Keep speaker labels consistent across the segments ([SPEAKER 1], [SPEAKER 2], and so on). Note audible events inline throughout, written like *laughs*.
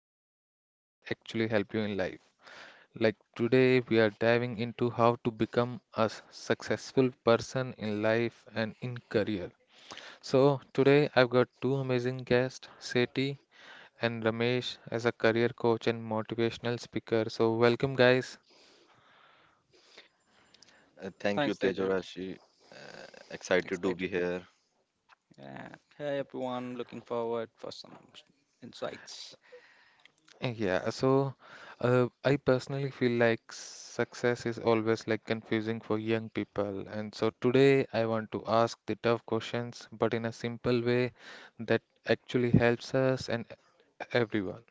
[SPEAKER 1] and stories that actually help you in life. Like today, we are diving into how to become a successful person in life and in career. So, today I've got two amazing guests, Seti and Ramesh, as a career coach and motivational speaker. So, welcome, guys.
[SPEAKER 2] Thank you,
[SPEAKER 3] Thanks, Teja.
[SPEAKER 2] Tejorashi. Uh, Excited to be
[SPEAKER 3] Excited.
[SPEAKER 2] here.
[SPEAKER 3] Yeah. Hey, everyone. Looking forward for some insights.
[SPEAKER 1] Yeah. So, I personally feel like success is always like confusing for young people. And so today I want to ask the tough questions, but in a simple way that actually helps us and everyone.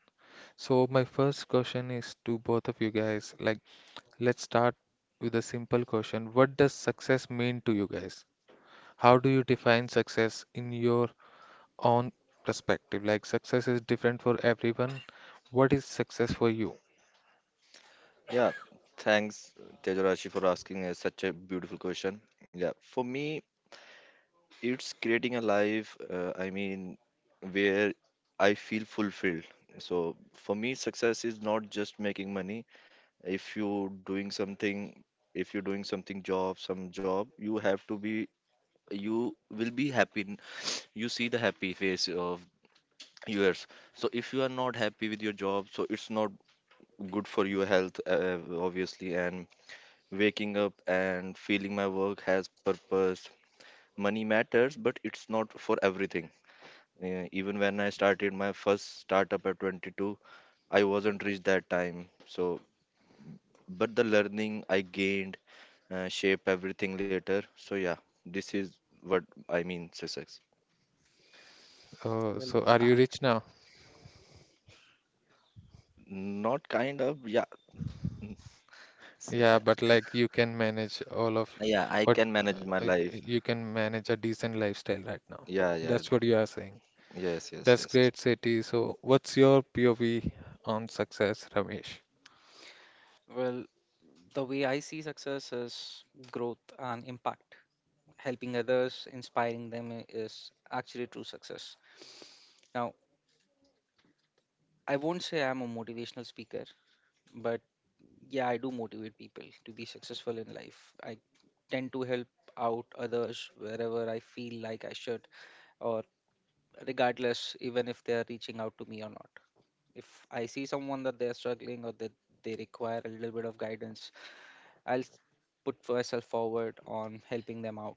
[SPEAKER 1] So my first question is to both of you guys. Like, let's start with a simple question. What does success mean to you guys? How do you define success in your own perspective? Like, success is different for everyone. What is success for you?
[SPEAKER 2] Yeah, thanks, Tejorashi, for asking such a beautiful question. Yeah, for me, it's creating a life, where I feel fulfilled. So for me, success is not just making money. If you're doing something, if you're doing something job, some job, you have to be, you will be happy. You see the happy face of yours. So if you are not happy with your job, so it's not good for your health, obviously, and waking up and feeling my work has purpose. Money matters, but it's not for everything. Even when I started my first startup at 22, I wasn't rich that time. But the learning I gained shape everything later. So yeah, this is what I mean success.
[SPEAKER 1] Oh,
[SPEAKER 3] Well,
[SPEAKER 1] so are
[SPEAKER 3] uh,
[SPEAKER 1] you rich now?
[SPEAKER 2] Not kind of, yeah, s-
[SPEAKER 1] Yeah,
[SPEAKER 2] uh,
[SPEAKER 1] but like you can manage all of
[SPEAKER 2] yeah. I
[SPEAKER 1] what
[SPEAKER 2] can manage my life.
[SPEAKER 1] you can manage a decent lifestyle right now.
[SPEAKER 2] Yeah, yeah,
[SPEAKER 1] That's what you are saying.
[SPEAKER 2] yes, yes,
[SPEAKER 1] That's
[SPEAKER 2] yes.
[SPEAKER 1] great, Sethi. So, what's your POV on success, Ramesh?
[SPEAKER 3] well, the way I see success is growth and impact. Helping others, inspiring them is actually true success. Now, I won't say I'm a motivational speaker, but yeah, I do motivate people to be successful in life. I tend to help out others wherever I feel like I should, or regardless, even if they are reaching out to me or not, if I see someone that they're struggling or that they require a little bit of guidance, I'll put myself forward on helping them out.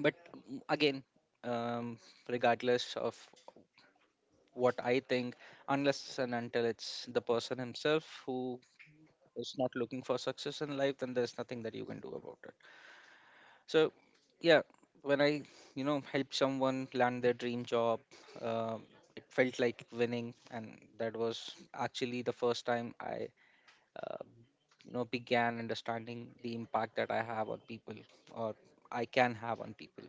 [SPEAKER 3] But again, um, regardless of what I think, unless and until it's the person himself who is not looking for success in life, then there's nothing that you can do about it. So, yeah, when I, you know, help someone land their dream job, um, it felt like winning, and that was actually the first time I uh, you know, began understanding the impact that I have on people, or I can have on people.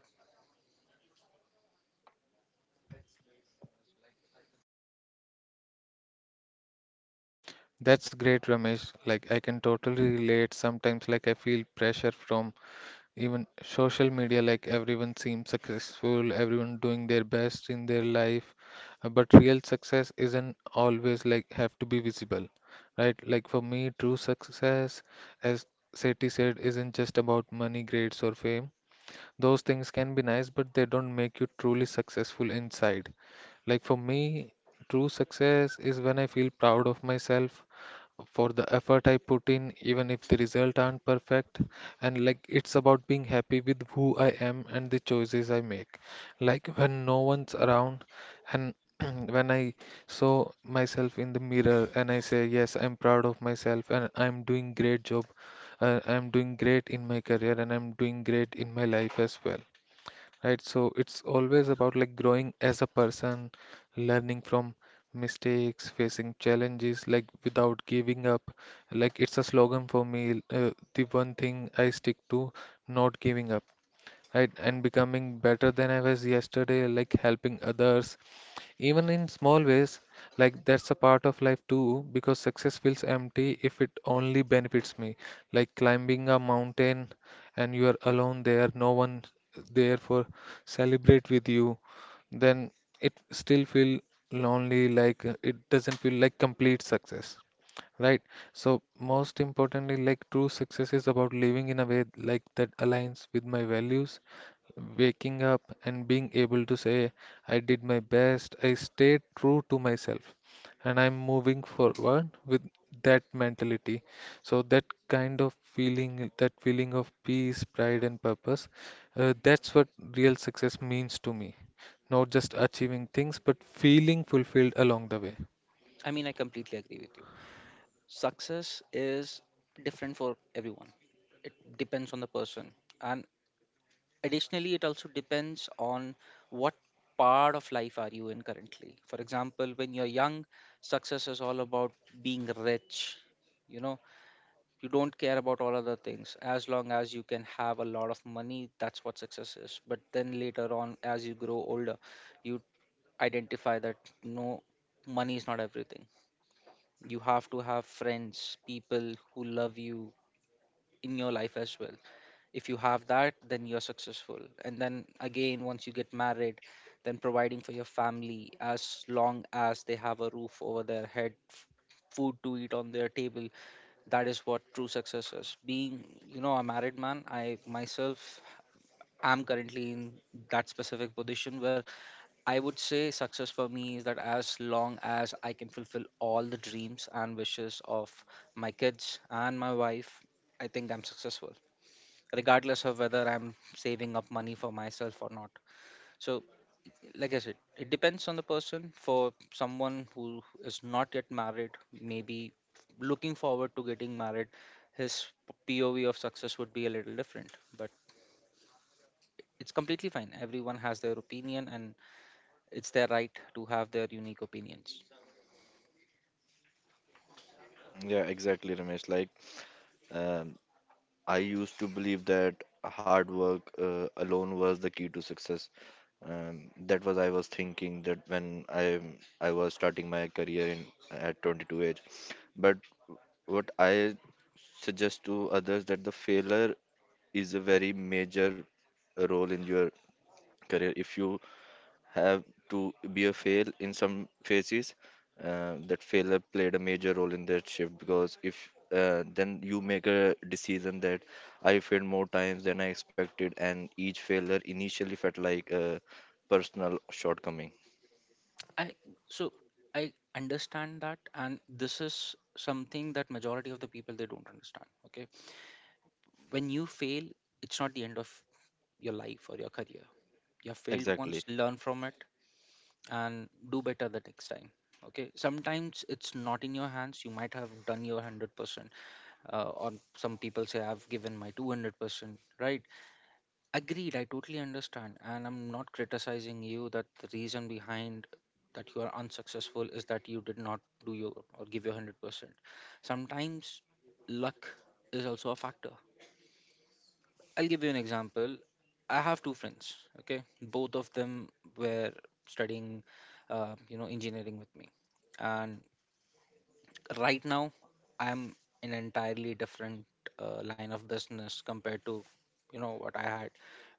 [SPEAKER 1] That's great, Ramesh. Like I can totally relate. Sometimes like I feel pressure from even social media, like everyone seems successful, everyone doing their best in their life, but real success isn't always like have to be visible, right? Like for me, true success, as Sethi said, isn't just about money, grades, or fame. Those things can be nice, but they don't make you truly successful inside. Like for me, true success is when I feel proud of myself for the effort I put in, even if the result aren't perfect. And like it's about being happy with who I am and the choices I make. Like when no one's around and *clears throat* when I saw myself in the mirror and I say, yes, I'm proud of myself and I'm doing great job. I'm doing great in my career and I'm doing great in my life as well, right? So it's always about like growing as a person, learning from mistakes, facing challenges, like without giving up. Like it's a slogan for me, the one thing I stick to, not giving up, right? And becoming better than I was yesterday, like helping others even in small ways, like that's a part of life too, because success feels empty if it only benefits me. Like climbing a mountain and you are alone there, no one there for celebrate with you, then it still feel lonely, like it doesn't feel like complete success. Right? So most importantly, like true success is about living in a way like that aligns with my values, waking up and being able to say, I did my best, I stayed true to myself, and I'm moving forward with that mentality. So, that kind of feeling, that feeling of peace, pride, and purpose, that's what real success means to me. Not just achieving things, but feeling fulfilled along the way.
[SPEAKER 3] I mean, I completely agree with you. Success is different for everyone. It depends on the person, and additionally it also depends on what part of life are you in currently. For example, when you're young, success is all about being rich, you know. You don't care about all other things as long as you can have a lot of money. That's what success is. But then later on, as you grow older, you identify that no, money is not everything. You have to have friends, people who love you in your life as well. If you have that, then you're successful. And then again, once you get married, then providing for your family, as long as they have a roof over their head, food to eat on their table, that is what true success is. Being, you know, a married man, I myself am currently in that specific position, where I would say success for me is that as long as I can fulfill all the dreams and wishes of my kids and my wife, I think I'm successful, regardless of whether I'm saving up money for myself or not. So, like I said, it depends on the person. For someone who is not yet married, maybe looking forward to getting married, his POV of success would be a little different. But it's completely fine. Everyone has their opinion, and it's their right to have their unique opinions.
[SPEAKER 2] Yeah, exactly, Ramesh. Like, um, I used to believe that hard work alone was the key to success. That was I was thinking that when I was starting my career in at 22 age. But what I suggest to others that the failure is a very major role in your career. If you have to be a fail in some phases. That failure played a major role in that shift because if then you make a decision that I failed more times than I expected, and each failure initially felt like a personal shortcoming.
[SPEAKER 3] I so I understand that, and this is something that majority of the people they don't understand. Okay, when you fail, it's not the end of your life or your career. You have failed once,
[SPEAKER 2] Exactly.
[SPEAKER 3] learn from it, and do better the next time. Okay, sometimes it's not in your hands. You might have done your 100%, or some people say I've given my 200%, right? Agreed, I totally understand, and I'm not criticizing you that the reason behind that you are unsuccessful is that you did not do your or give your 100%. Sometimes luck is also a factor. I'll give you an example. I have two friends, okay? Both of them were studying, you know, engineering with me. And right now, I'm in an entirely different line of business compared to, you know, what I had,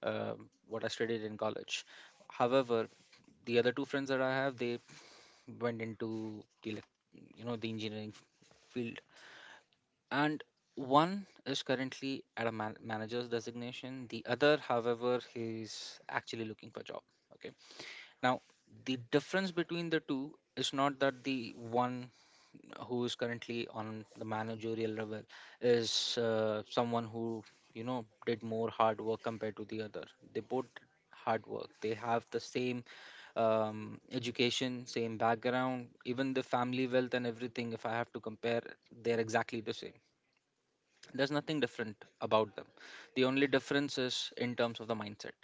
[SPEAKER 3] uh, what I studied in college. However, the other two friends that I have, they went into you know, the engineering field, and one is currently at a manager's designation. The other, however, is actually looking for job. Okay, now, the difference between the two is not that the one who is currently on the managerial level is someone who, you know, did more hard work compared to the other. They both did hard work. They have the same education, same background, even the family wealth, and everything if I have to compare, they're exactly the same. There's nothing different about them. The only difference is in terms of the mindset.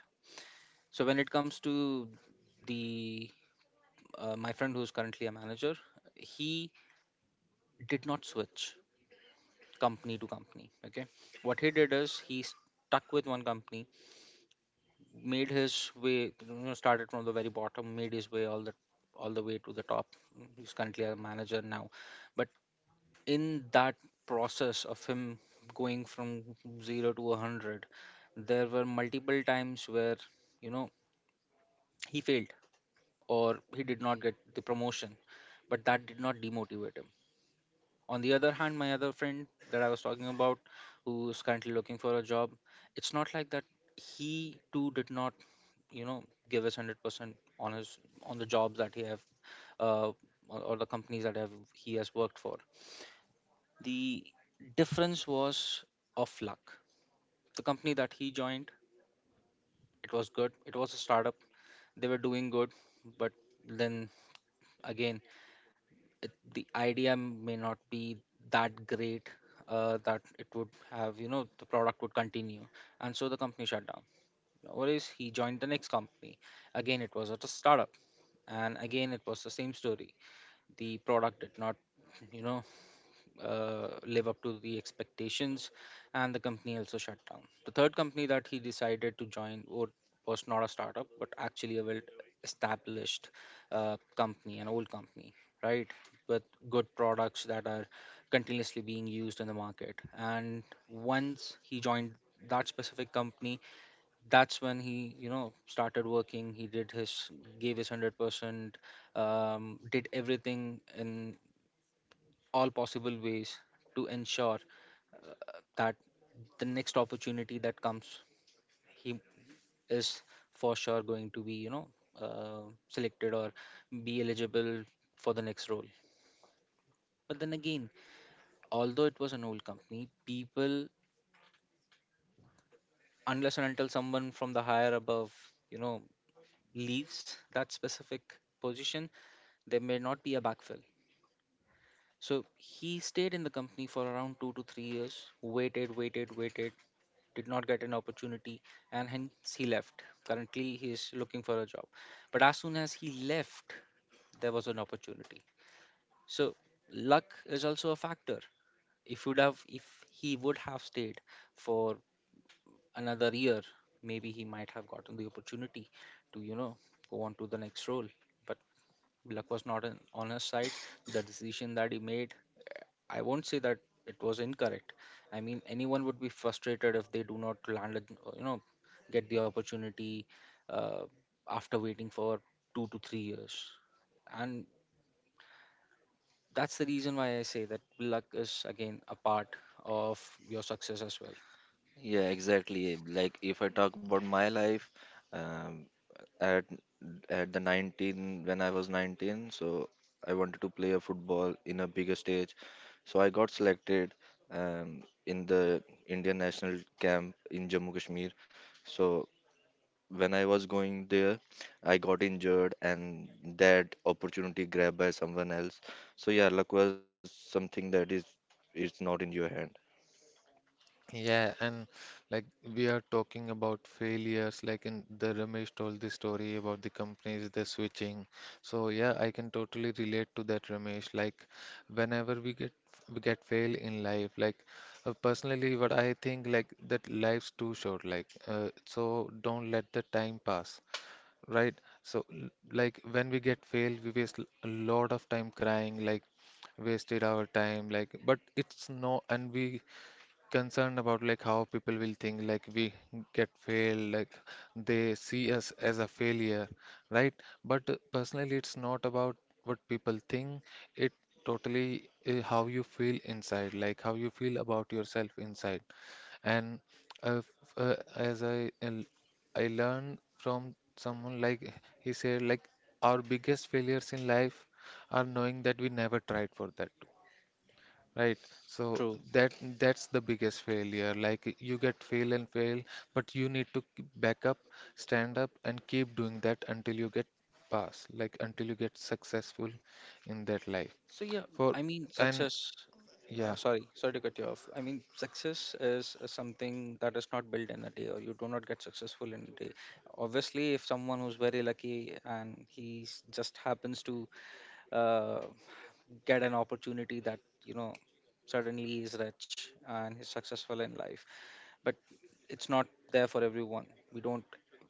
[SPEAKER 3] So when it comes to the my friend who's currently a manager, he did not switch company to company. Okay, what he did is he stuck with one company, made his way, you know, started from the very bottom, made his way all the way to the top. He's currently a manager now. But in that process of him going from 0 to 100, there were multiple times where, you know, he failed or he did not get the promotion, but that did not demotivate him. On the other hand, my other friend that I was talking about, who is currently looking for a job, it's not like that. He too did not, you know, give his 100% on his on the jobs that he have, uh, or the companies that have he has worked for. The difference was of luck. The company that he joined, it was good. It was a startup. They were doing good. But then again, the idea may not be that great, that it would have, you know, the product would continue, and so the company shut down. Whereas he joined the next company, again it was at a startup, and again it was the same story. The product did not, you know, live up to the expectations, and the company also shut down. The third company that he decided to join was not a startup, but actually a well-established company, an old company, right, with good products that are continuously being used in the market. And once he joined that specific company, that's when he, you know, started working. He did his, gave his 100%, did everything in all possible ways to ensure that the next opportunity that comes, he is for sure going to be, you know, uh, selected or be eligible for the next role. But then again, although it was an old company, people, unless and until someone from the higher above, you know, leaves that specific position, there may not be a backfill. So he stayed in the company for around 2 to 3 years, waited, waited, waited, did not get an opportunity, and hence he left. Currently, he is looking for a job. But as soon as he left, there was an opportunity. So luck is also a factor. If he would have stayed for another year, maybe he might have gotten the opportunity to, you know, go on to the next role. But luck was not an on his side. The decision that he made, I won't say that it was incorrect. I mean, anyone would be frustrated if they do not land, you know, get the opportunity uh, after waiting for 2 to 3 years. And that's the reason why I say that luck is again a part of your success as well.
[SPEAKER 2] Yeah, exactly. Like if I talk about my life, um, at at the 19 when I was 19, so I wanted to play a football in a bigger stage. So I got selected in the Indian national camp in Jammu Kashmir. So when I was going there, I got injured and that opportunity grabbed by someone else. So yeah, luck was something that is it's not in your hand.
[SPEAKER 1] Yeah, and like we are talking about failures, like in the Ramesh told the story about the companies, the switching. So yeah, I can totally relate to that, Ramesh. Like whenever we get fail in life, like personally, what I think like that life's too short. Like, so, don't let the time pass. Right. So, like when we get failed, we waste a lot of time crying, like wasted our time, like, but it's no, and we concerned about like how people will think like we get failed like they see us as a failure, right? But personally it's not about what people think. It totally how you feel inside, like how you feel about yourself inside and uh, f- as I I learned from someone like he said like our biggest failures in life are knowing that we never tried for that. Right. So
[SPEAKER 3] True.
[SPEAKER 1] that that's the biggest failure. Like you get fail and fail, but you need to back up, stand up, and keep doing that until you get pass, like until you get successful in that life.
[SPEAKER 3] So yeah,
[SPEAKER 1] For
[SPEAKER 3] I mean
[SPEAKER 1] and
[SPEAKER 3] success. Uh,
[SPEAKER 1] yeah,
[SPEAKER 3] sorry, sorry to cut you off. I mean, success is something that is not built in a day, or you do not get successful in a day. Obviously, if someone who's very lucky and he just happens to uh, get an opportunity that, you know, suddenly is rich and he's successful in life, but it's not there for everyone. We don't,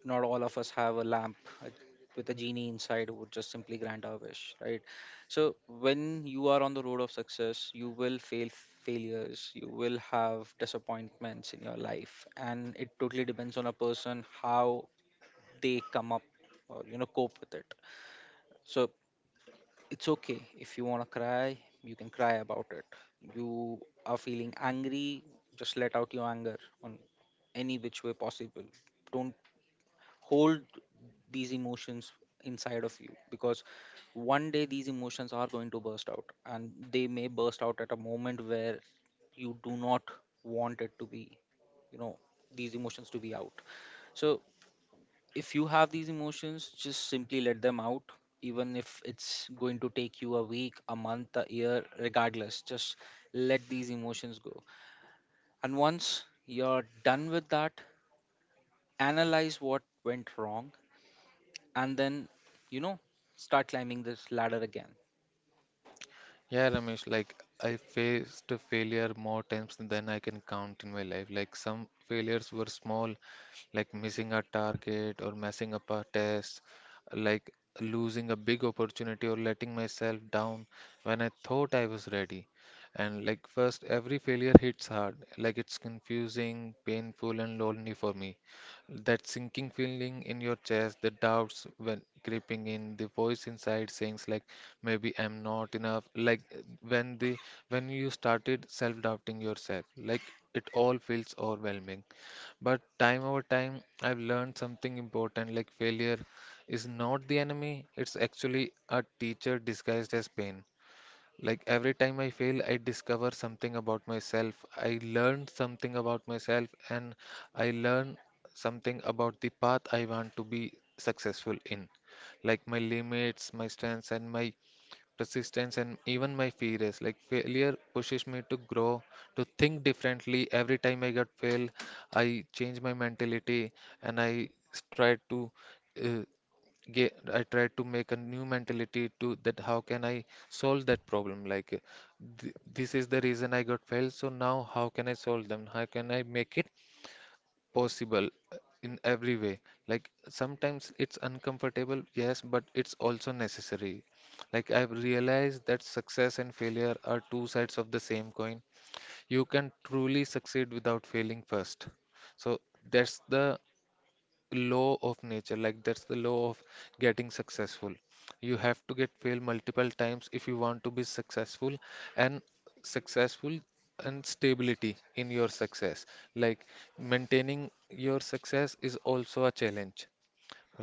[SPEAKER 3] not all of us have a lamp uh, with a genie inside who would just simply grant our wish, right? So when you are on the road of success, you will fail failures, you will have disappointments in your life, and it totally depends on a person how they come up or, you know, cope with it. So it's okay. If you want to cry, you can cry about it. You are feeling angry, just let out your anger on any which way possible. Don't hold these emotions inside of you, because one day these emotions are going to burst out, and they may burst out at a moment where you do not want it to be, you know, these emotions to be out. So if you have these emotions, just simply let them out, even if it's going to take you a week, a month, a year, regardless, just let these emotions go. And once you're done with that, analyze what went wrong, and then, you know, start climbing this ladder again.
[SPEAKER 1] yeah, Ramesh, like I faced a failure more times than I can count in my life. Like some failures were small like missing a target or messing up a test, like losing a big opportunity or letting myself down when I thought I was ready. And like first, every failure hits hard, like it's confusing, painful, and lonely for me. That sinking feeling in your chest, the doubts when creeping in, the voice inside saying like maybe I'm not enough. Like, when the when you started self-doubting yourself, like it all feels overwhelming. But time over time, I've learned something important like failure is not the enemy, it's actually a teacher disguised as pain. Like every time I fail, I discover something about myself. I learn something about myself and I learn something about the path I want to be successful in. Like my limits, my strengths, and my persistence, and even my fears. Like failure pushes me to grow, to think differently. Every time I got fail, I change my mentality and I try to uh, get. I try to make a new mentality to that. How can I solve that problem? This is the reason I got failed. So now how can I solve them? How can I make it possible in every way, like sometimes it's uncomfortable, yes, but it's also necessary. Like I've realized that success and failure are two sides of the same coin. You can truly succeed without failing first. So that's the law of nature, like that's the law of getting successful. You have to get fail multiple times if you want to be successful. And successful and stability in your success, like maintaining your success is also a challenge,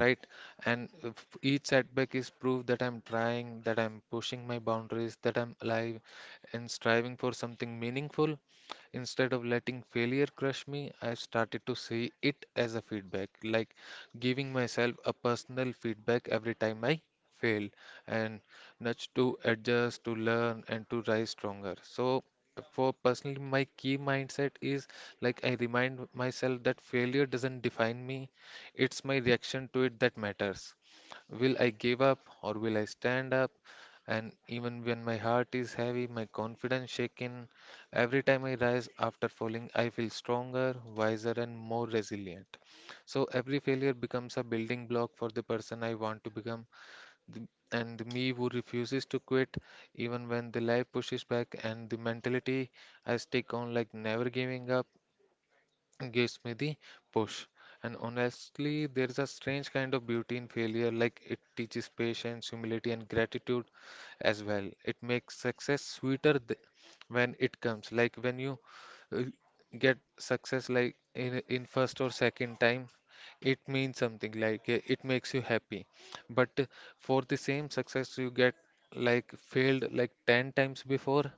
[SPEAKER 1] right? And if each setback is proof that I'm trying, that I'm pushing my boundaries, that I'm alive and striving for something meaningful. Instead of letting failure crush me, I've started to see it as a feedback, like giving myself a personal feedback every time I fail and nudge to adjust, to learn, and to rise stronger. So, for personally, my key mindset is like I remind myself that failure doesn't define me, it's my reaction to it that matters. Will I give up or will I stand up? And even when my heart is heavy, my confidence shaken, every time I rise after falling, I feel stronger, wiser, and more resilient. So every failure becomes a building block for the person I want to become, the- and the me who refuses to quit even when the life pushes back, and the mentality I stick on like never giving up gives me the push. And honestly, there is a strange kind of beauty in failure, like it teaches patience, humility, and gratitude as well. It makes success sweeter when it comes, like when you uh, get success, like in first or second time, it means something. Like, it makes you happy. But for the same success, you get like failed like 10 times before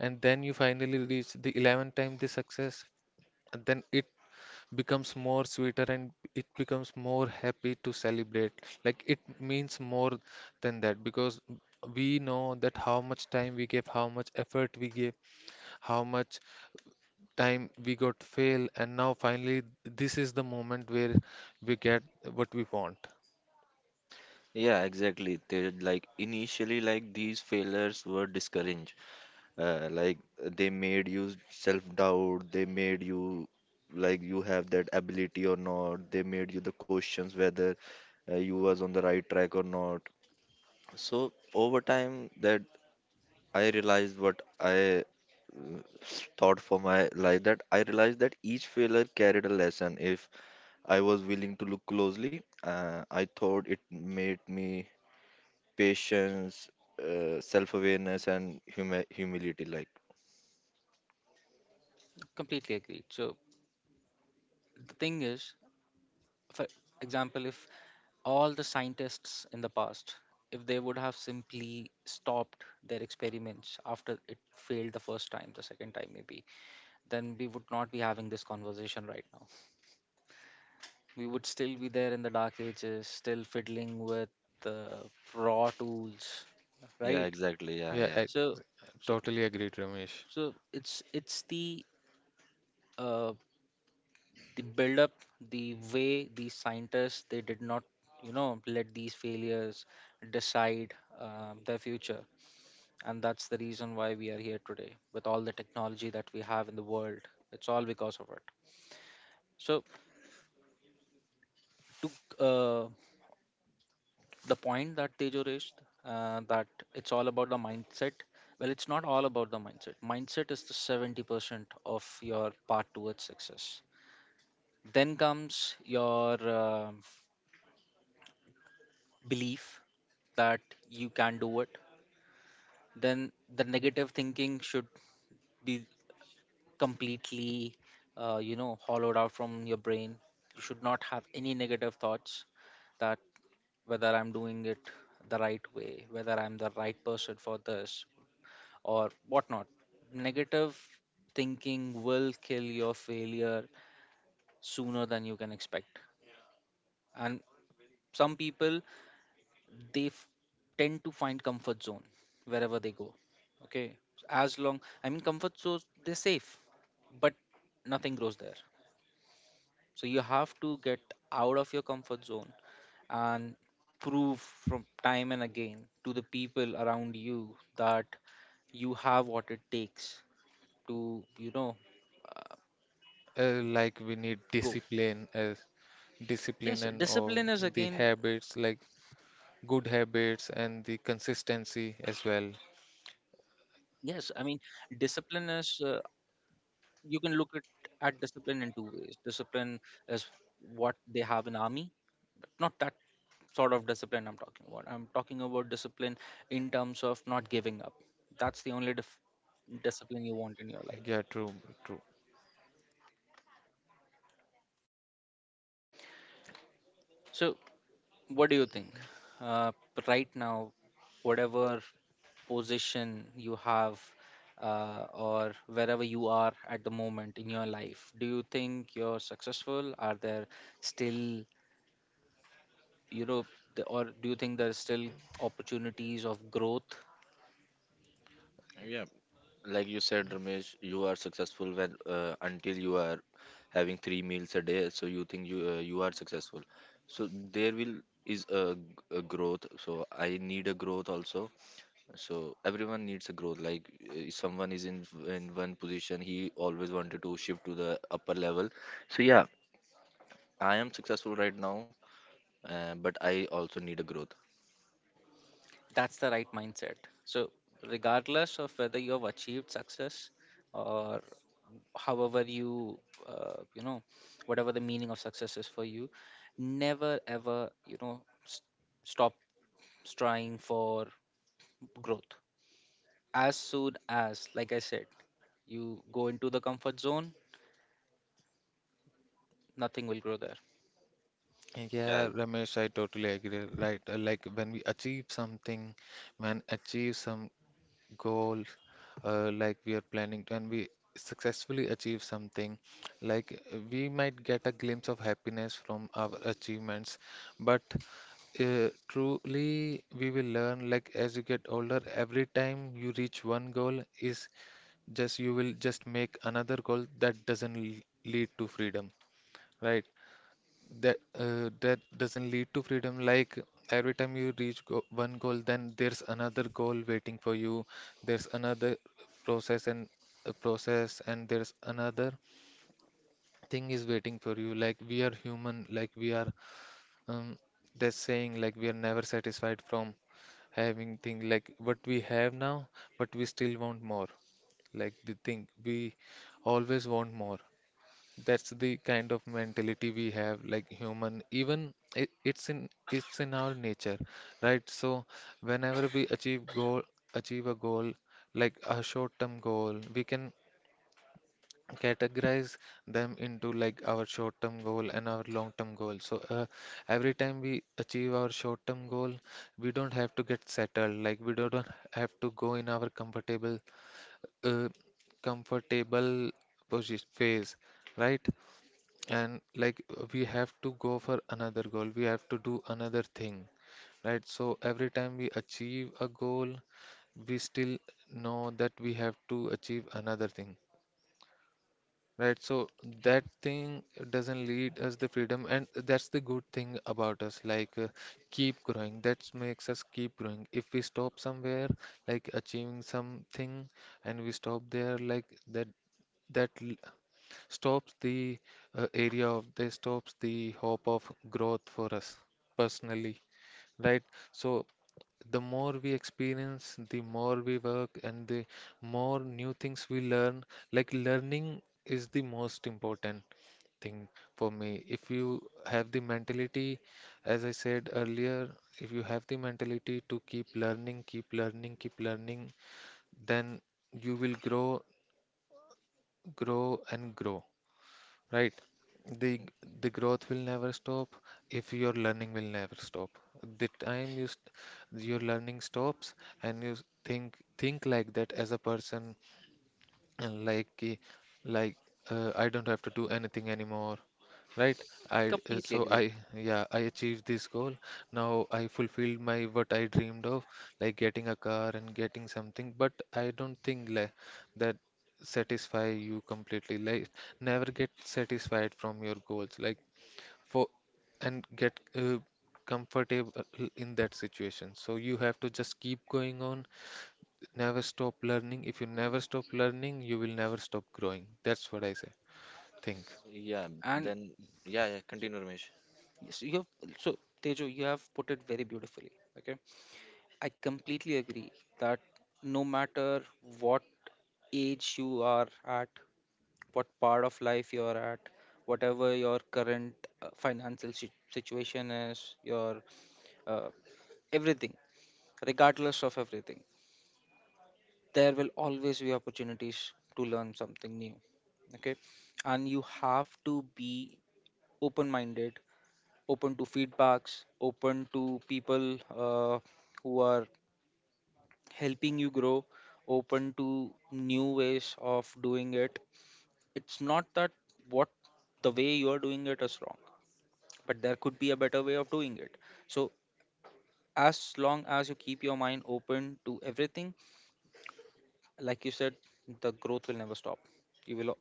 [SPEAKER 1] and then you finally reach the 11th time the success, and then it becomes more sweeter and it becomes more happy to celebrate, like it means more than that, because we know that how much time we gave, how much effort we gave, how much time we got fail, and now finally this is the moment where we get what we want.
[SPEAKER 2] Yeah, exactly. They like initially like these failures were discouraging, like they made you self-doubt, they made you like you have that ability or not, they made you the questions whether you was on the right track or not. So over time that I realized what I thought for my life, that I realized that each failure carried a lesson. If I was willing to look closely, I thought it made me patience, self-awareness and humility. Like
[SPEAKER 3] Completely agreed. So the thing is, for example, if all the scientists in the past, if they would have simply stopped their experiments after it failed the first time, the second time, maybe then we would not be having this conversation right now. We would still be there in the dark ages, still fiddling with uh, raw tools,
[SPEAKER 2] yeah,
[SPEAKER 3] right?
[SPEAKER 2] exactly, yeah,
[SPEAKER 1] Yeah,
[SPEAKER 2] yeah.
[SPEAKER 1] I
[SPEAKER 3] So, so,
[SPEAKER 1] totally agreed, Ramesh.
[SPEAKER 3] so it's uh, the build up, the way these scientists they did not, let these failures decide their future, and that's the reason why we are here today with all the technology that we have in the world. It's all because of it. So to the point that Tejo raised, that it's all about the mindset. Well, it's not all about the mindset. Mindset is the 70% of your path towards success. Then comes your belief that you can do it. Then the negative thinking should be completely, hollowed out from your brain. You should not have any negative thoughts that whether I'm doing it the right way, whether I'm the right person for this, or whatnot. Negative thinking will kill your failure sooner than you can expect. And some people, they f- tend to find comfort zone wherever they go. Okay. As long, I mean, comfort zone, they're safe, but nothing grows there. So you have to get out of your comfort zone and prove from time and again to the people around you that you have what it takes to, uh,
[SPEAKER 1] Like we need
[SPEAKER 3] go.
[SPEAKER 1] discipline as discipline
[SPEAKER 3] Yes,
[SPEAKER 1] and all
[SPEAKER 3] discipline is
[SPEAKER 1] the
[SPEAKER 3] again,
[SPEAKER 1] habits, like good habits and the consistency as well.
[SPEAKER 3] yes, I mean, discipline is, you can look at discipline in two ways. Discipline is what they have in army, but not that sort of discipline I'm talking about. I'm talking about discipline in terms of not giving up. That's the only discipline you want in your life.
[SPEAKER 1] Yeah, true, true.
[SPEAKER 3] So what do you think? Uh, right now, whatever position you have, or wherever you are at the moment in your life, do you think you're successful? Are there still, you know, or do you think there's still opportunities of growth?
[SPEAKER 2] Yeah, like you said, Ramesh, you are successful when until you are having three meals a day. So you think you are successful. So there will is a, g- a growth. So I need a growth also. So everyone needs a growth. Like if someone is in one position, he always wanted to shift to the upper level. So yeah, I am successful right now, but I also need a growth.
[SPEAKER 3] That's the right mindset. So, regardless of whether you have achieved success or however you you know whatever the meaning of success is for you, never ever, s- stop trying for growth. As soon as, like I said, you go into the comfort zone, nothing will grow there.
[SPEAKER 2] Yeah.
[SPEAKER 1] Yeah, Ramesh, I totally agree. Right, like when we achieve something, when achieve some goal, like we are planning, when we successfully achieve something, like we might get a glimpse of happiness from our achievements, but truly we will learn. Like as you get older, every time you reach one goal is just you will just make another goal that doesn't lead to freedom. Right, that that doesn't lead to freedom, like every time you reach go one goal, then there's another goal waiting for you, there's another process and process, and there's another thing is waiting for you. Like we are human, like we are um that's saying like we are never satisfied from having thing like what we have now, but we still want more. Like the thing we always want more. That's the kind of mentality we have, like human. Even it, it's in our nature, right? So whenever we achieve goal, achieve a goal, like a short-term goal, we can categorize them into like our short-term goal and our long-term goal. So every time we achieve our short-term goal, we don't have to get settled. Like we don't have to go in our comfortable uh, comfortable position phase, right? And like we have to go for another goal. We have to do another thing, right? So every time we achieve a goal, we still know that we have to achieve another thing, right? So that thing doesn't lead us the freedom, and that's the good thing about us, like keep growing. That makes us keep growing. If we stop somewhere, like achieving something, and we stop there, like that stops the area of they stops the hope of growth for us personally, right? So the more we experience, the more we work, and the more new things we learn. Like learning is the most important thing for me. If you have the mentality, as I said earlier, if you have the mentality to keep learning, keep learning, keep learning, then you will grow, grow and grow, right? The the growth will never stop if your learning will never stop. The time you st your learning stops and think like that as a person, and like I don't have to do anything anymore, right? I
[SPEAKER 3] Completely
[SPEAKER 1] so
[SPEAKER 3] agreed.
[SPEAKER 1] I Yeah, I achieved this goal. Now I fulfilled my what I dreamed of, like getting a car and getting something. But I don't think like that satisfy you completely. Like never get satisfied from your goals. Like for and get comfortable in that situation. So you have to just keep going on. Never stop learning. If you never stop learning, you will never stop growing. That's what I say. Think.
[SPEAKER 2] Yeah.
[SPEAKER 3] And
[SPEAKER 2] Then yeah, yeah.
[SPEAKER 3] y-
[SPEAKER 2] Continue, Ramesh.
[SPEAKER 3] yes, you have, so Tejo, you have put it very beautifully. Okay. I completely agree that no matter what age you are at, what part of life you're at, whatever your current financial situation is, your uh, everything, regardless of everything, there will always be opportunities to learn something new. Okay, and you have to be open minded, open to feedbacks, open to people who are helping you grow, open to new ways of doing it. It's not that what the way you are doing it is wrong, but there could be a better way of doing it. So, as long as you keep your mind open to everything, like you said, the growth will never stop. You will,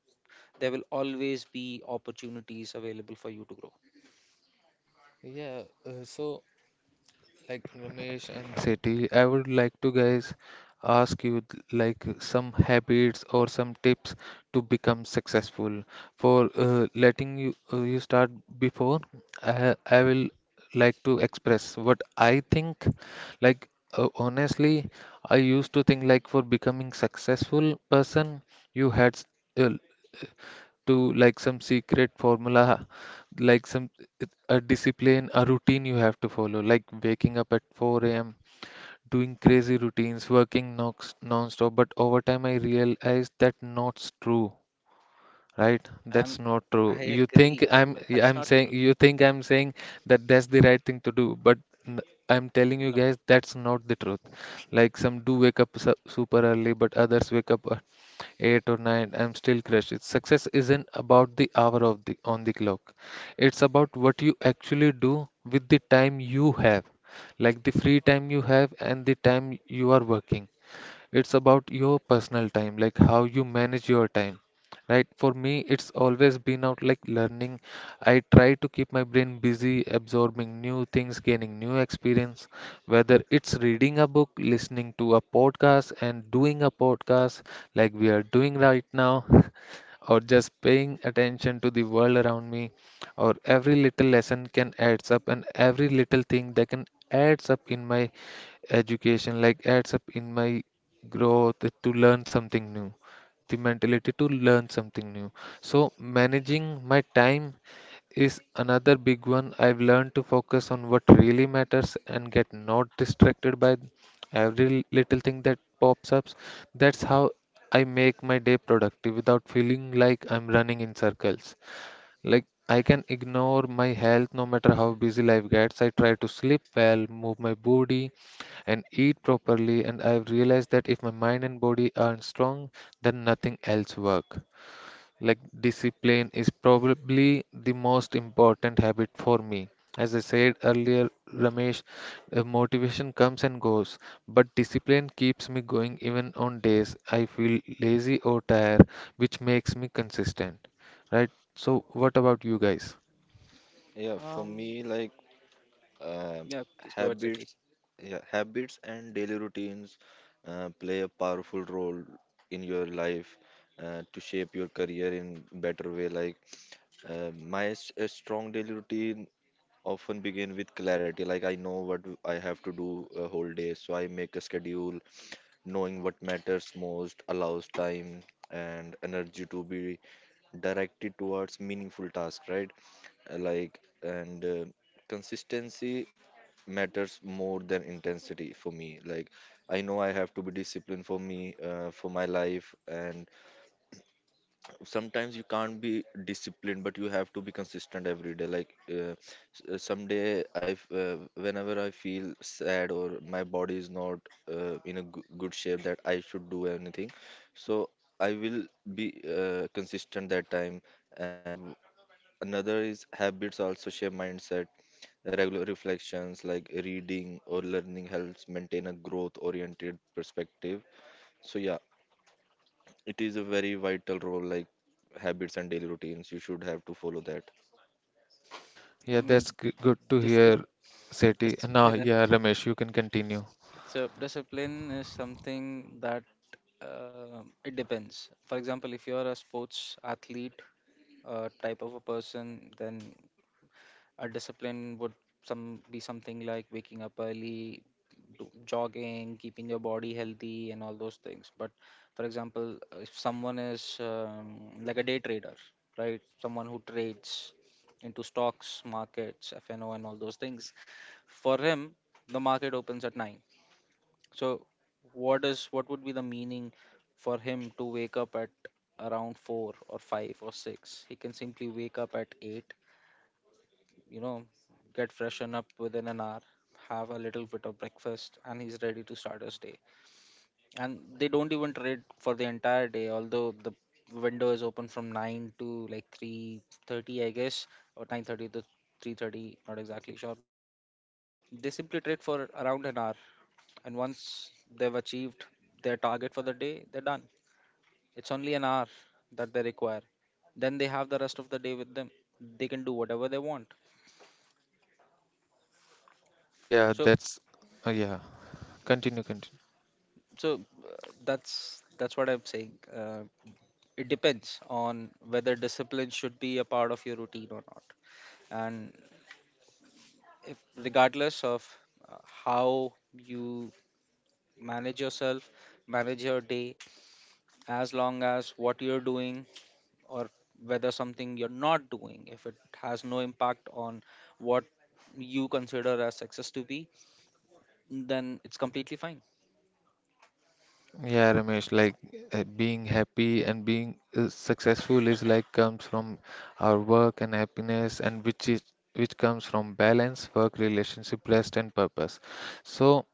[SPEAKER 3] there will always be opportunities available for you to grow.
[SPEAKER 1] Yeah, so like Ramesh and Seti, I would like to guys ask you like some habits or some tips to become successful. For letting you start before, I will like to express what I think. Like honestly, I used to think like for becoming successful person, you had s- uh, to like some secret formula, like some a discipline, a routine you have to follow, like waking up at 4 a.m., doing crazy routines, working non-stop. But over time, I realized that not true. Right? That's
[SPEAKER 3] And
[SPEAKER 1] not true.
[SPEAKER 3] I
[SPEAKER 1] You think
[SPEAKER 3] agree. That's
[SPEAKER 1] I'm
[SPEAKER 3] not
[SPEAKER 1] saying
[SPEAKER 3] true.
[SPEAKER 1] you think I'm saying that that's the right thing to do, but n- I'm telling you
[SPEAKER 3] No.
[SPEAKER 1] guys that's not the truth. Like some do wake up super early, but others wake up 8 or 9, I'm still crushed. It's success isn't about the hour of the on the clock, it's about what you actually do with the time you have, like the free time you have and the time you are working. It's about your personal time, like how you manage your time, right? For me, it's always been out like learning. I try to keep my brain busy, absorbing new things, gaining new experience, whether it's reading a book, listening to a podcast, and doing a podcast like we are doing right now. *laughs* Or just paying attention to the world around me, or every little lesson can adds up, and every little thing that can adds up in my education, like adds up in my growth, to learn something new, the mentality to learn something new. So managing my time is another big one. I've learned to focus on what really matters and get not distracted by every little thing that pops up. That's how I make my day productive without feeling like I'm running in circles. Like I can ignore my health no matter how busy life gets. I try to sleep well, move my body, and eat properly, and I've realized that if my mind and body aren't strong, then nothing else work. Like discipline is probably the most important habit for me. As I said earlier, Ramesh, motivation comes and goes, but discipline keeps me going even on days I feel lazy or tired, which makes me consistent. Right? So, what about you guys?
[SPEAKER 2] Yeah. For
[SPEAKER 3] Um.
[SPEAKER 2] me, like. Um,
[SPEAKER 3] Yeah. Please go ahead, Sati.
[SPEAKER 2] habits Yeah, habits and daily routines play a powerful role in your life to shape your career in better way. Like my s- a strong daily routine often begin with clarity. Like I know what I have to do a whole day, so I make a schedule. Knowing what matters most allows time and energy to be directed towards meaningful tasks, right? Like and Consistency matters more than intensity for me. Like I know I have to be disciplined for me, for my life. And sometimes you can't be disciplined, but you have to be consistent every day. Like someday whenever I feel sad or my body is not in a good shape that I should do anything, so I will be consistent that time. And another is habits also shape mindset. Regular reflections like reading or learning helps maintain a growth oriented perspective. So yeah, it is a very vital role like habits and daily routines. You should have to follow that.
[SPEAKER 3] I
[SPEAKER 1] Yeah,
[SPEAKER 3] mean,
[SPEAKER 1] good to
[SPEAKER 3] discipline,
[SPEAKER 1] hear, Seti. Now,
[SPEAKER 3] discipline is,
[SPEAKER 1] yeah, Ramesh, you can continue.
[SPEAKER 3] so discipline is something that, it depends. For example, if you are a sports athlete type of a person, then a discipline would some be something like waking up early, do, jogging, keeping your body healthy, and all those things. But for example, if someone is like a day trader, right? Someone who trades into stocks, markets, FNO, and all those things. For him, the market opens at 9. So, what would be the meaning for him to wake up at around 4 or 5 or 6? He can simply wake up at 8, you know, get freshen up within an hour, have a little bit of breakfast, and he's ready to start his day. And they don't even trade for the entire day, although the window is open from 9 to like 3:30, I guess, or 9:30 to 3:30, not exactly sure. But yeah, they simply trade for around an hour, and once they've achieved their target for the day, they're done. It's only an hour that they require. Then they have the rest of the day with them. They can do whatever they want.
[SPEAKER 1] Yeah,
[SPEAKER 3] So,
[SPEAKER 1] that's yeah. Continue, continue.
[SPEAKER 3] so that's what I'm saying. It depends on whether discipline should be a part of your routine or not, and, if regardless of how you manage yourself, manage your day, as long as what you're doing or whether something you're not doing, if it has no impact on what you consider as success to be, then it's completely fine.
[SPEAKER 1] Yeah, Ramesh, like being happy and being successful is like comes from our work and happiness, and which comes from balance, work, relationship, rest, and purpose. So,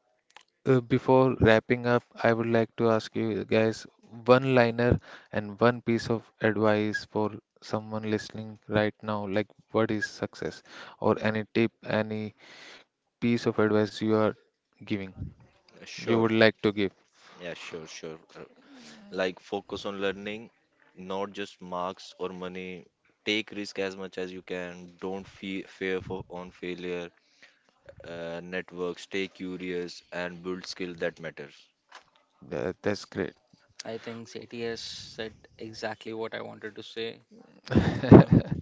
[SPEAKER 1] before wrapping up, I would like to ask you guys one liner and one piece of advice for someone listening right now. Like, what is success? Or any tip, any piece of advice you are giving? You
[SPEAKER 2] Sure.
[SPEAKER 1] would like to give.
[SPEAKER 2] Yeah, sure, sure. Like focus on learning, not just marks or money. Take risk as much as you can. Don't fear for on failure. Network. Stay curious and build skill that matters.
[SPEAKER 1] Yeah, that's great.
[SPEAKER 3] I think Satyas said exactly what I wanted to say. Uh,
[SPEAKER 1] *laughs*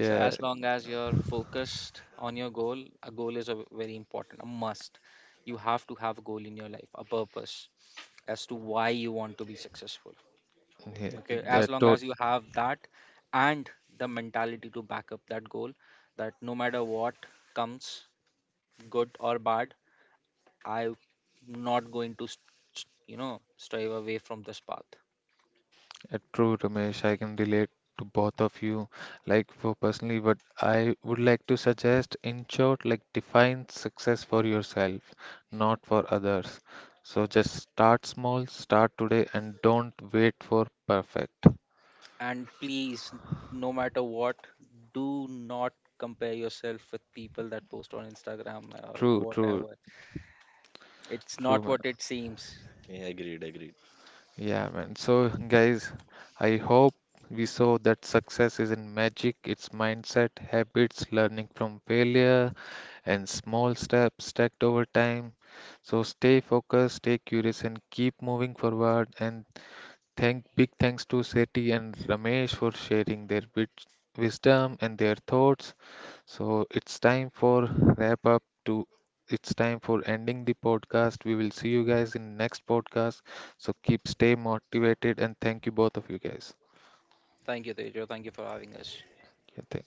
[SPEAKER 3] So as long as you're focused on your goal, a goal is a very important, a must. You have to have a goal in your life, a purpose as to why you want to be successful.
[SPEAKER 1] yeah,
[SPEAKER 3] Okay, as
[SPEAKER 1] that
[SPEAKER 3] long
[SPEAKER 1] to,
[SPEAKER 3] as you have that and the mentality to back up that goal, that no matter what comes, good or bad, I'm not going to, you know, strive away from this path.
[SPEAKER 1] true, Ramesh. I can relate to both of you, like for personally, but I would like to suggest, in short, like define success for yourself, not for others. So just start small, start today, and don't wait for perfect.
[SPEAKER 3] And please, no matter what, do not compare yourself with people that post on Instagram or
[SPEAKER 1] True, true,
[SPEAKER 3] whatever. It's not
[SPEAKER 1] true.
[SPEAKER 3] what it seems.
[SPEAKER 2] Yeah, agreed, agreed.
[SPEAKER 1] Yeah, man. So, guys, I hope we saw that success isn't magic, it's mindset, habits, learning from failure, and small steps stacked over time. So, stay focused, stay curious, and keep moving forward. And thank big thanks to Seti and Ramesh for sharing their wisdom and their thoughts. So it's time for wrap up to it's time for ending the podcast. We will see you guys in next podcast. So keep stay motivated and thank you both of you guys.
[SPEAKER 3] Thank you, Tejo. Thank you for having us.
[SPEAKER 1] Yeah, thank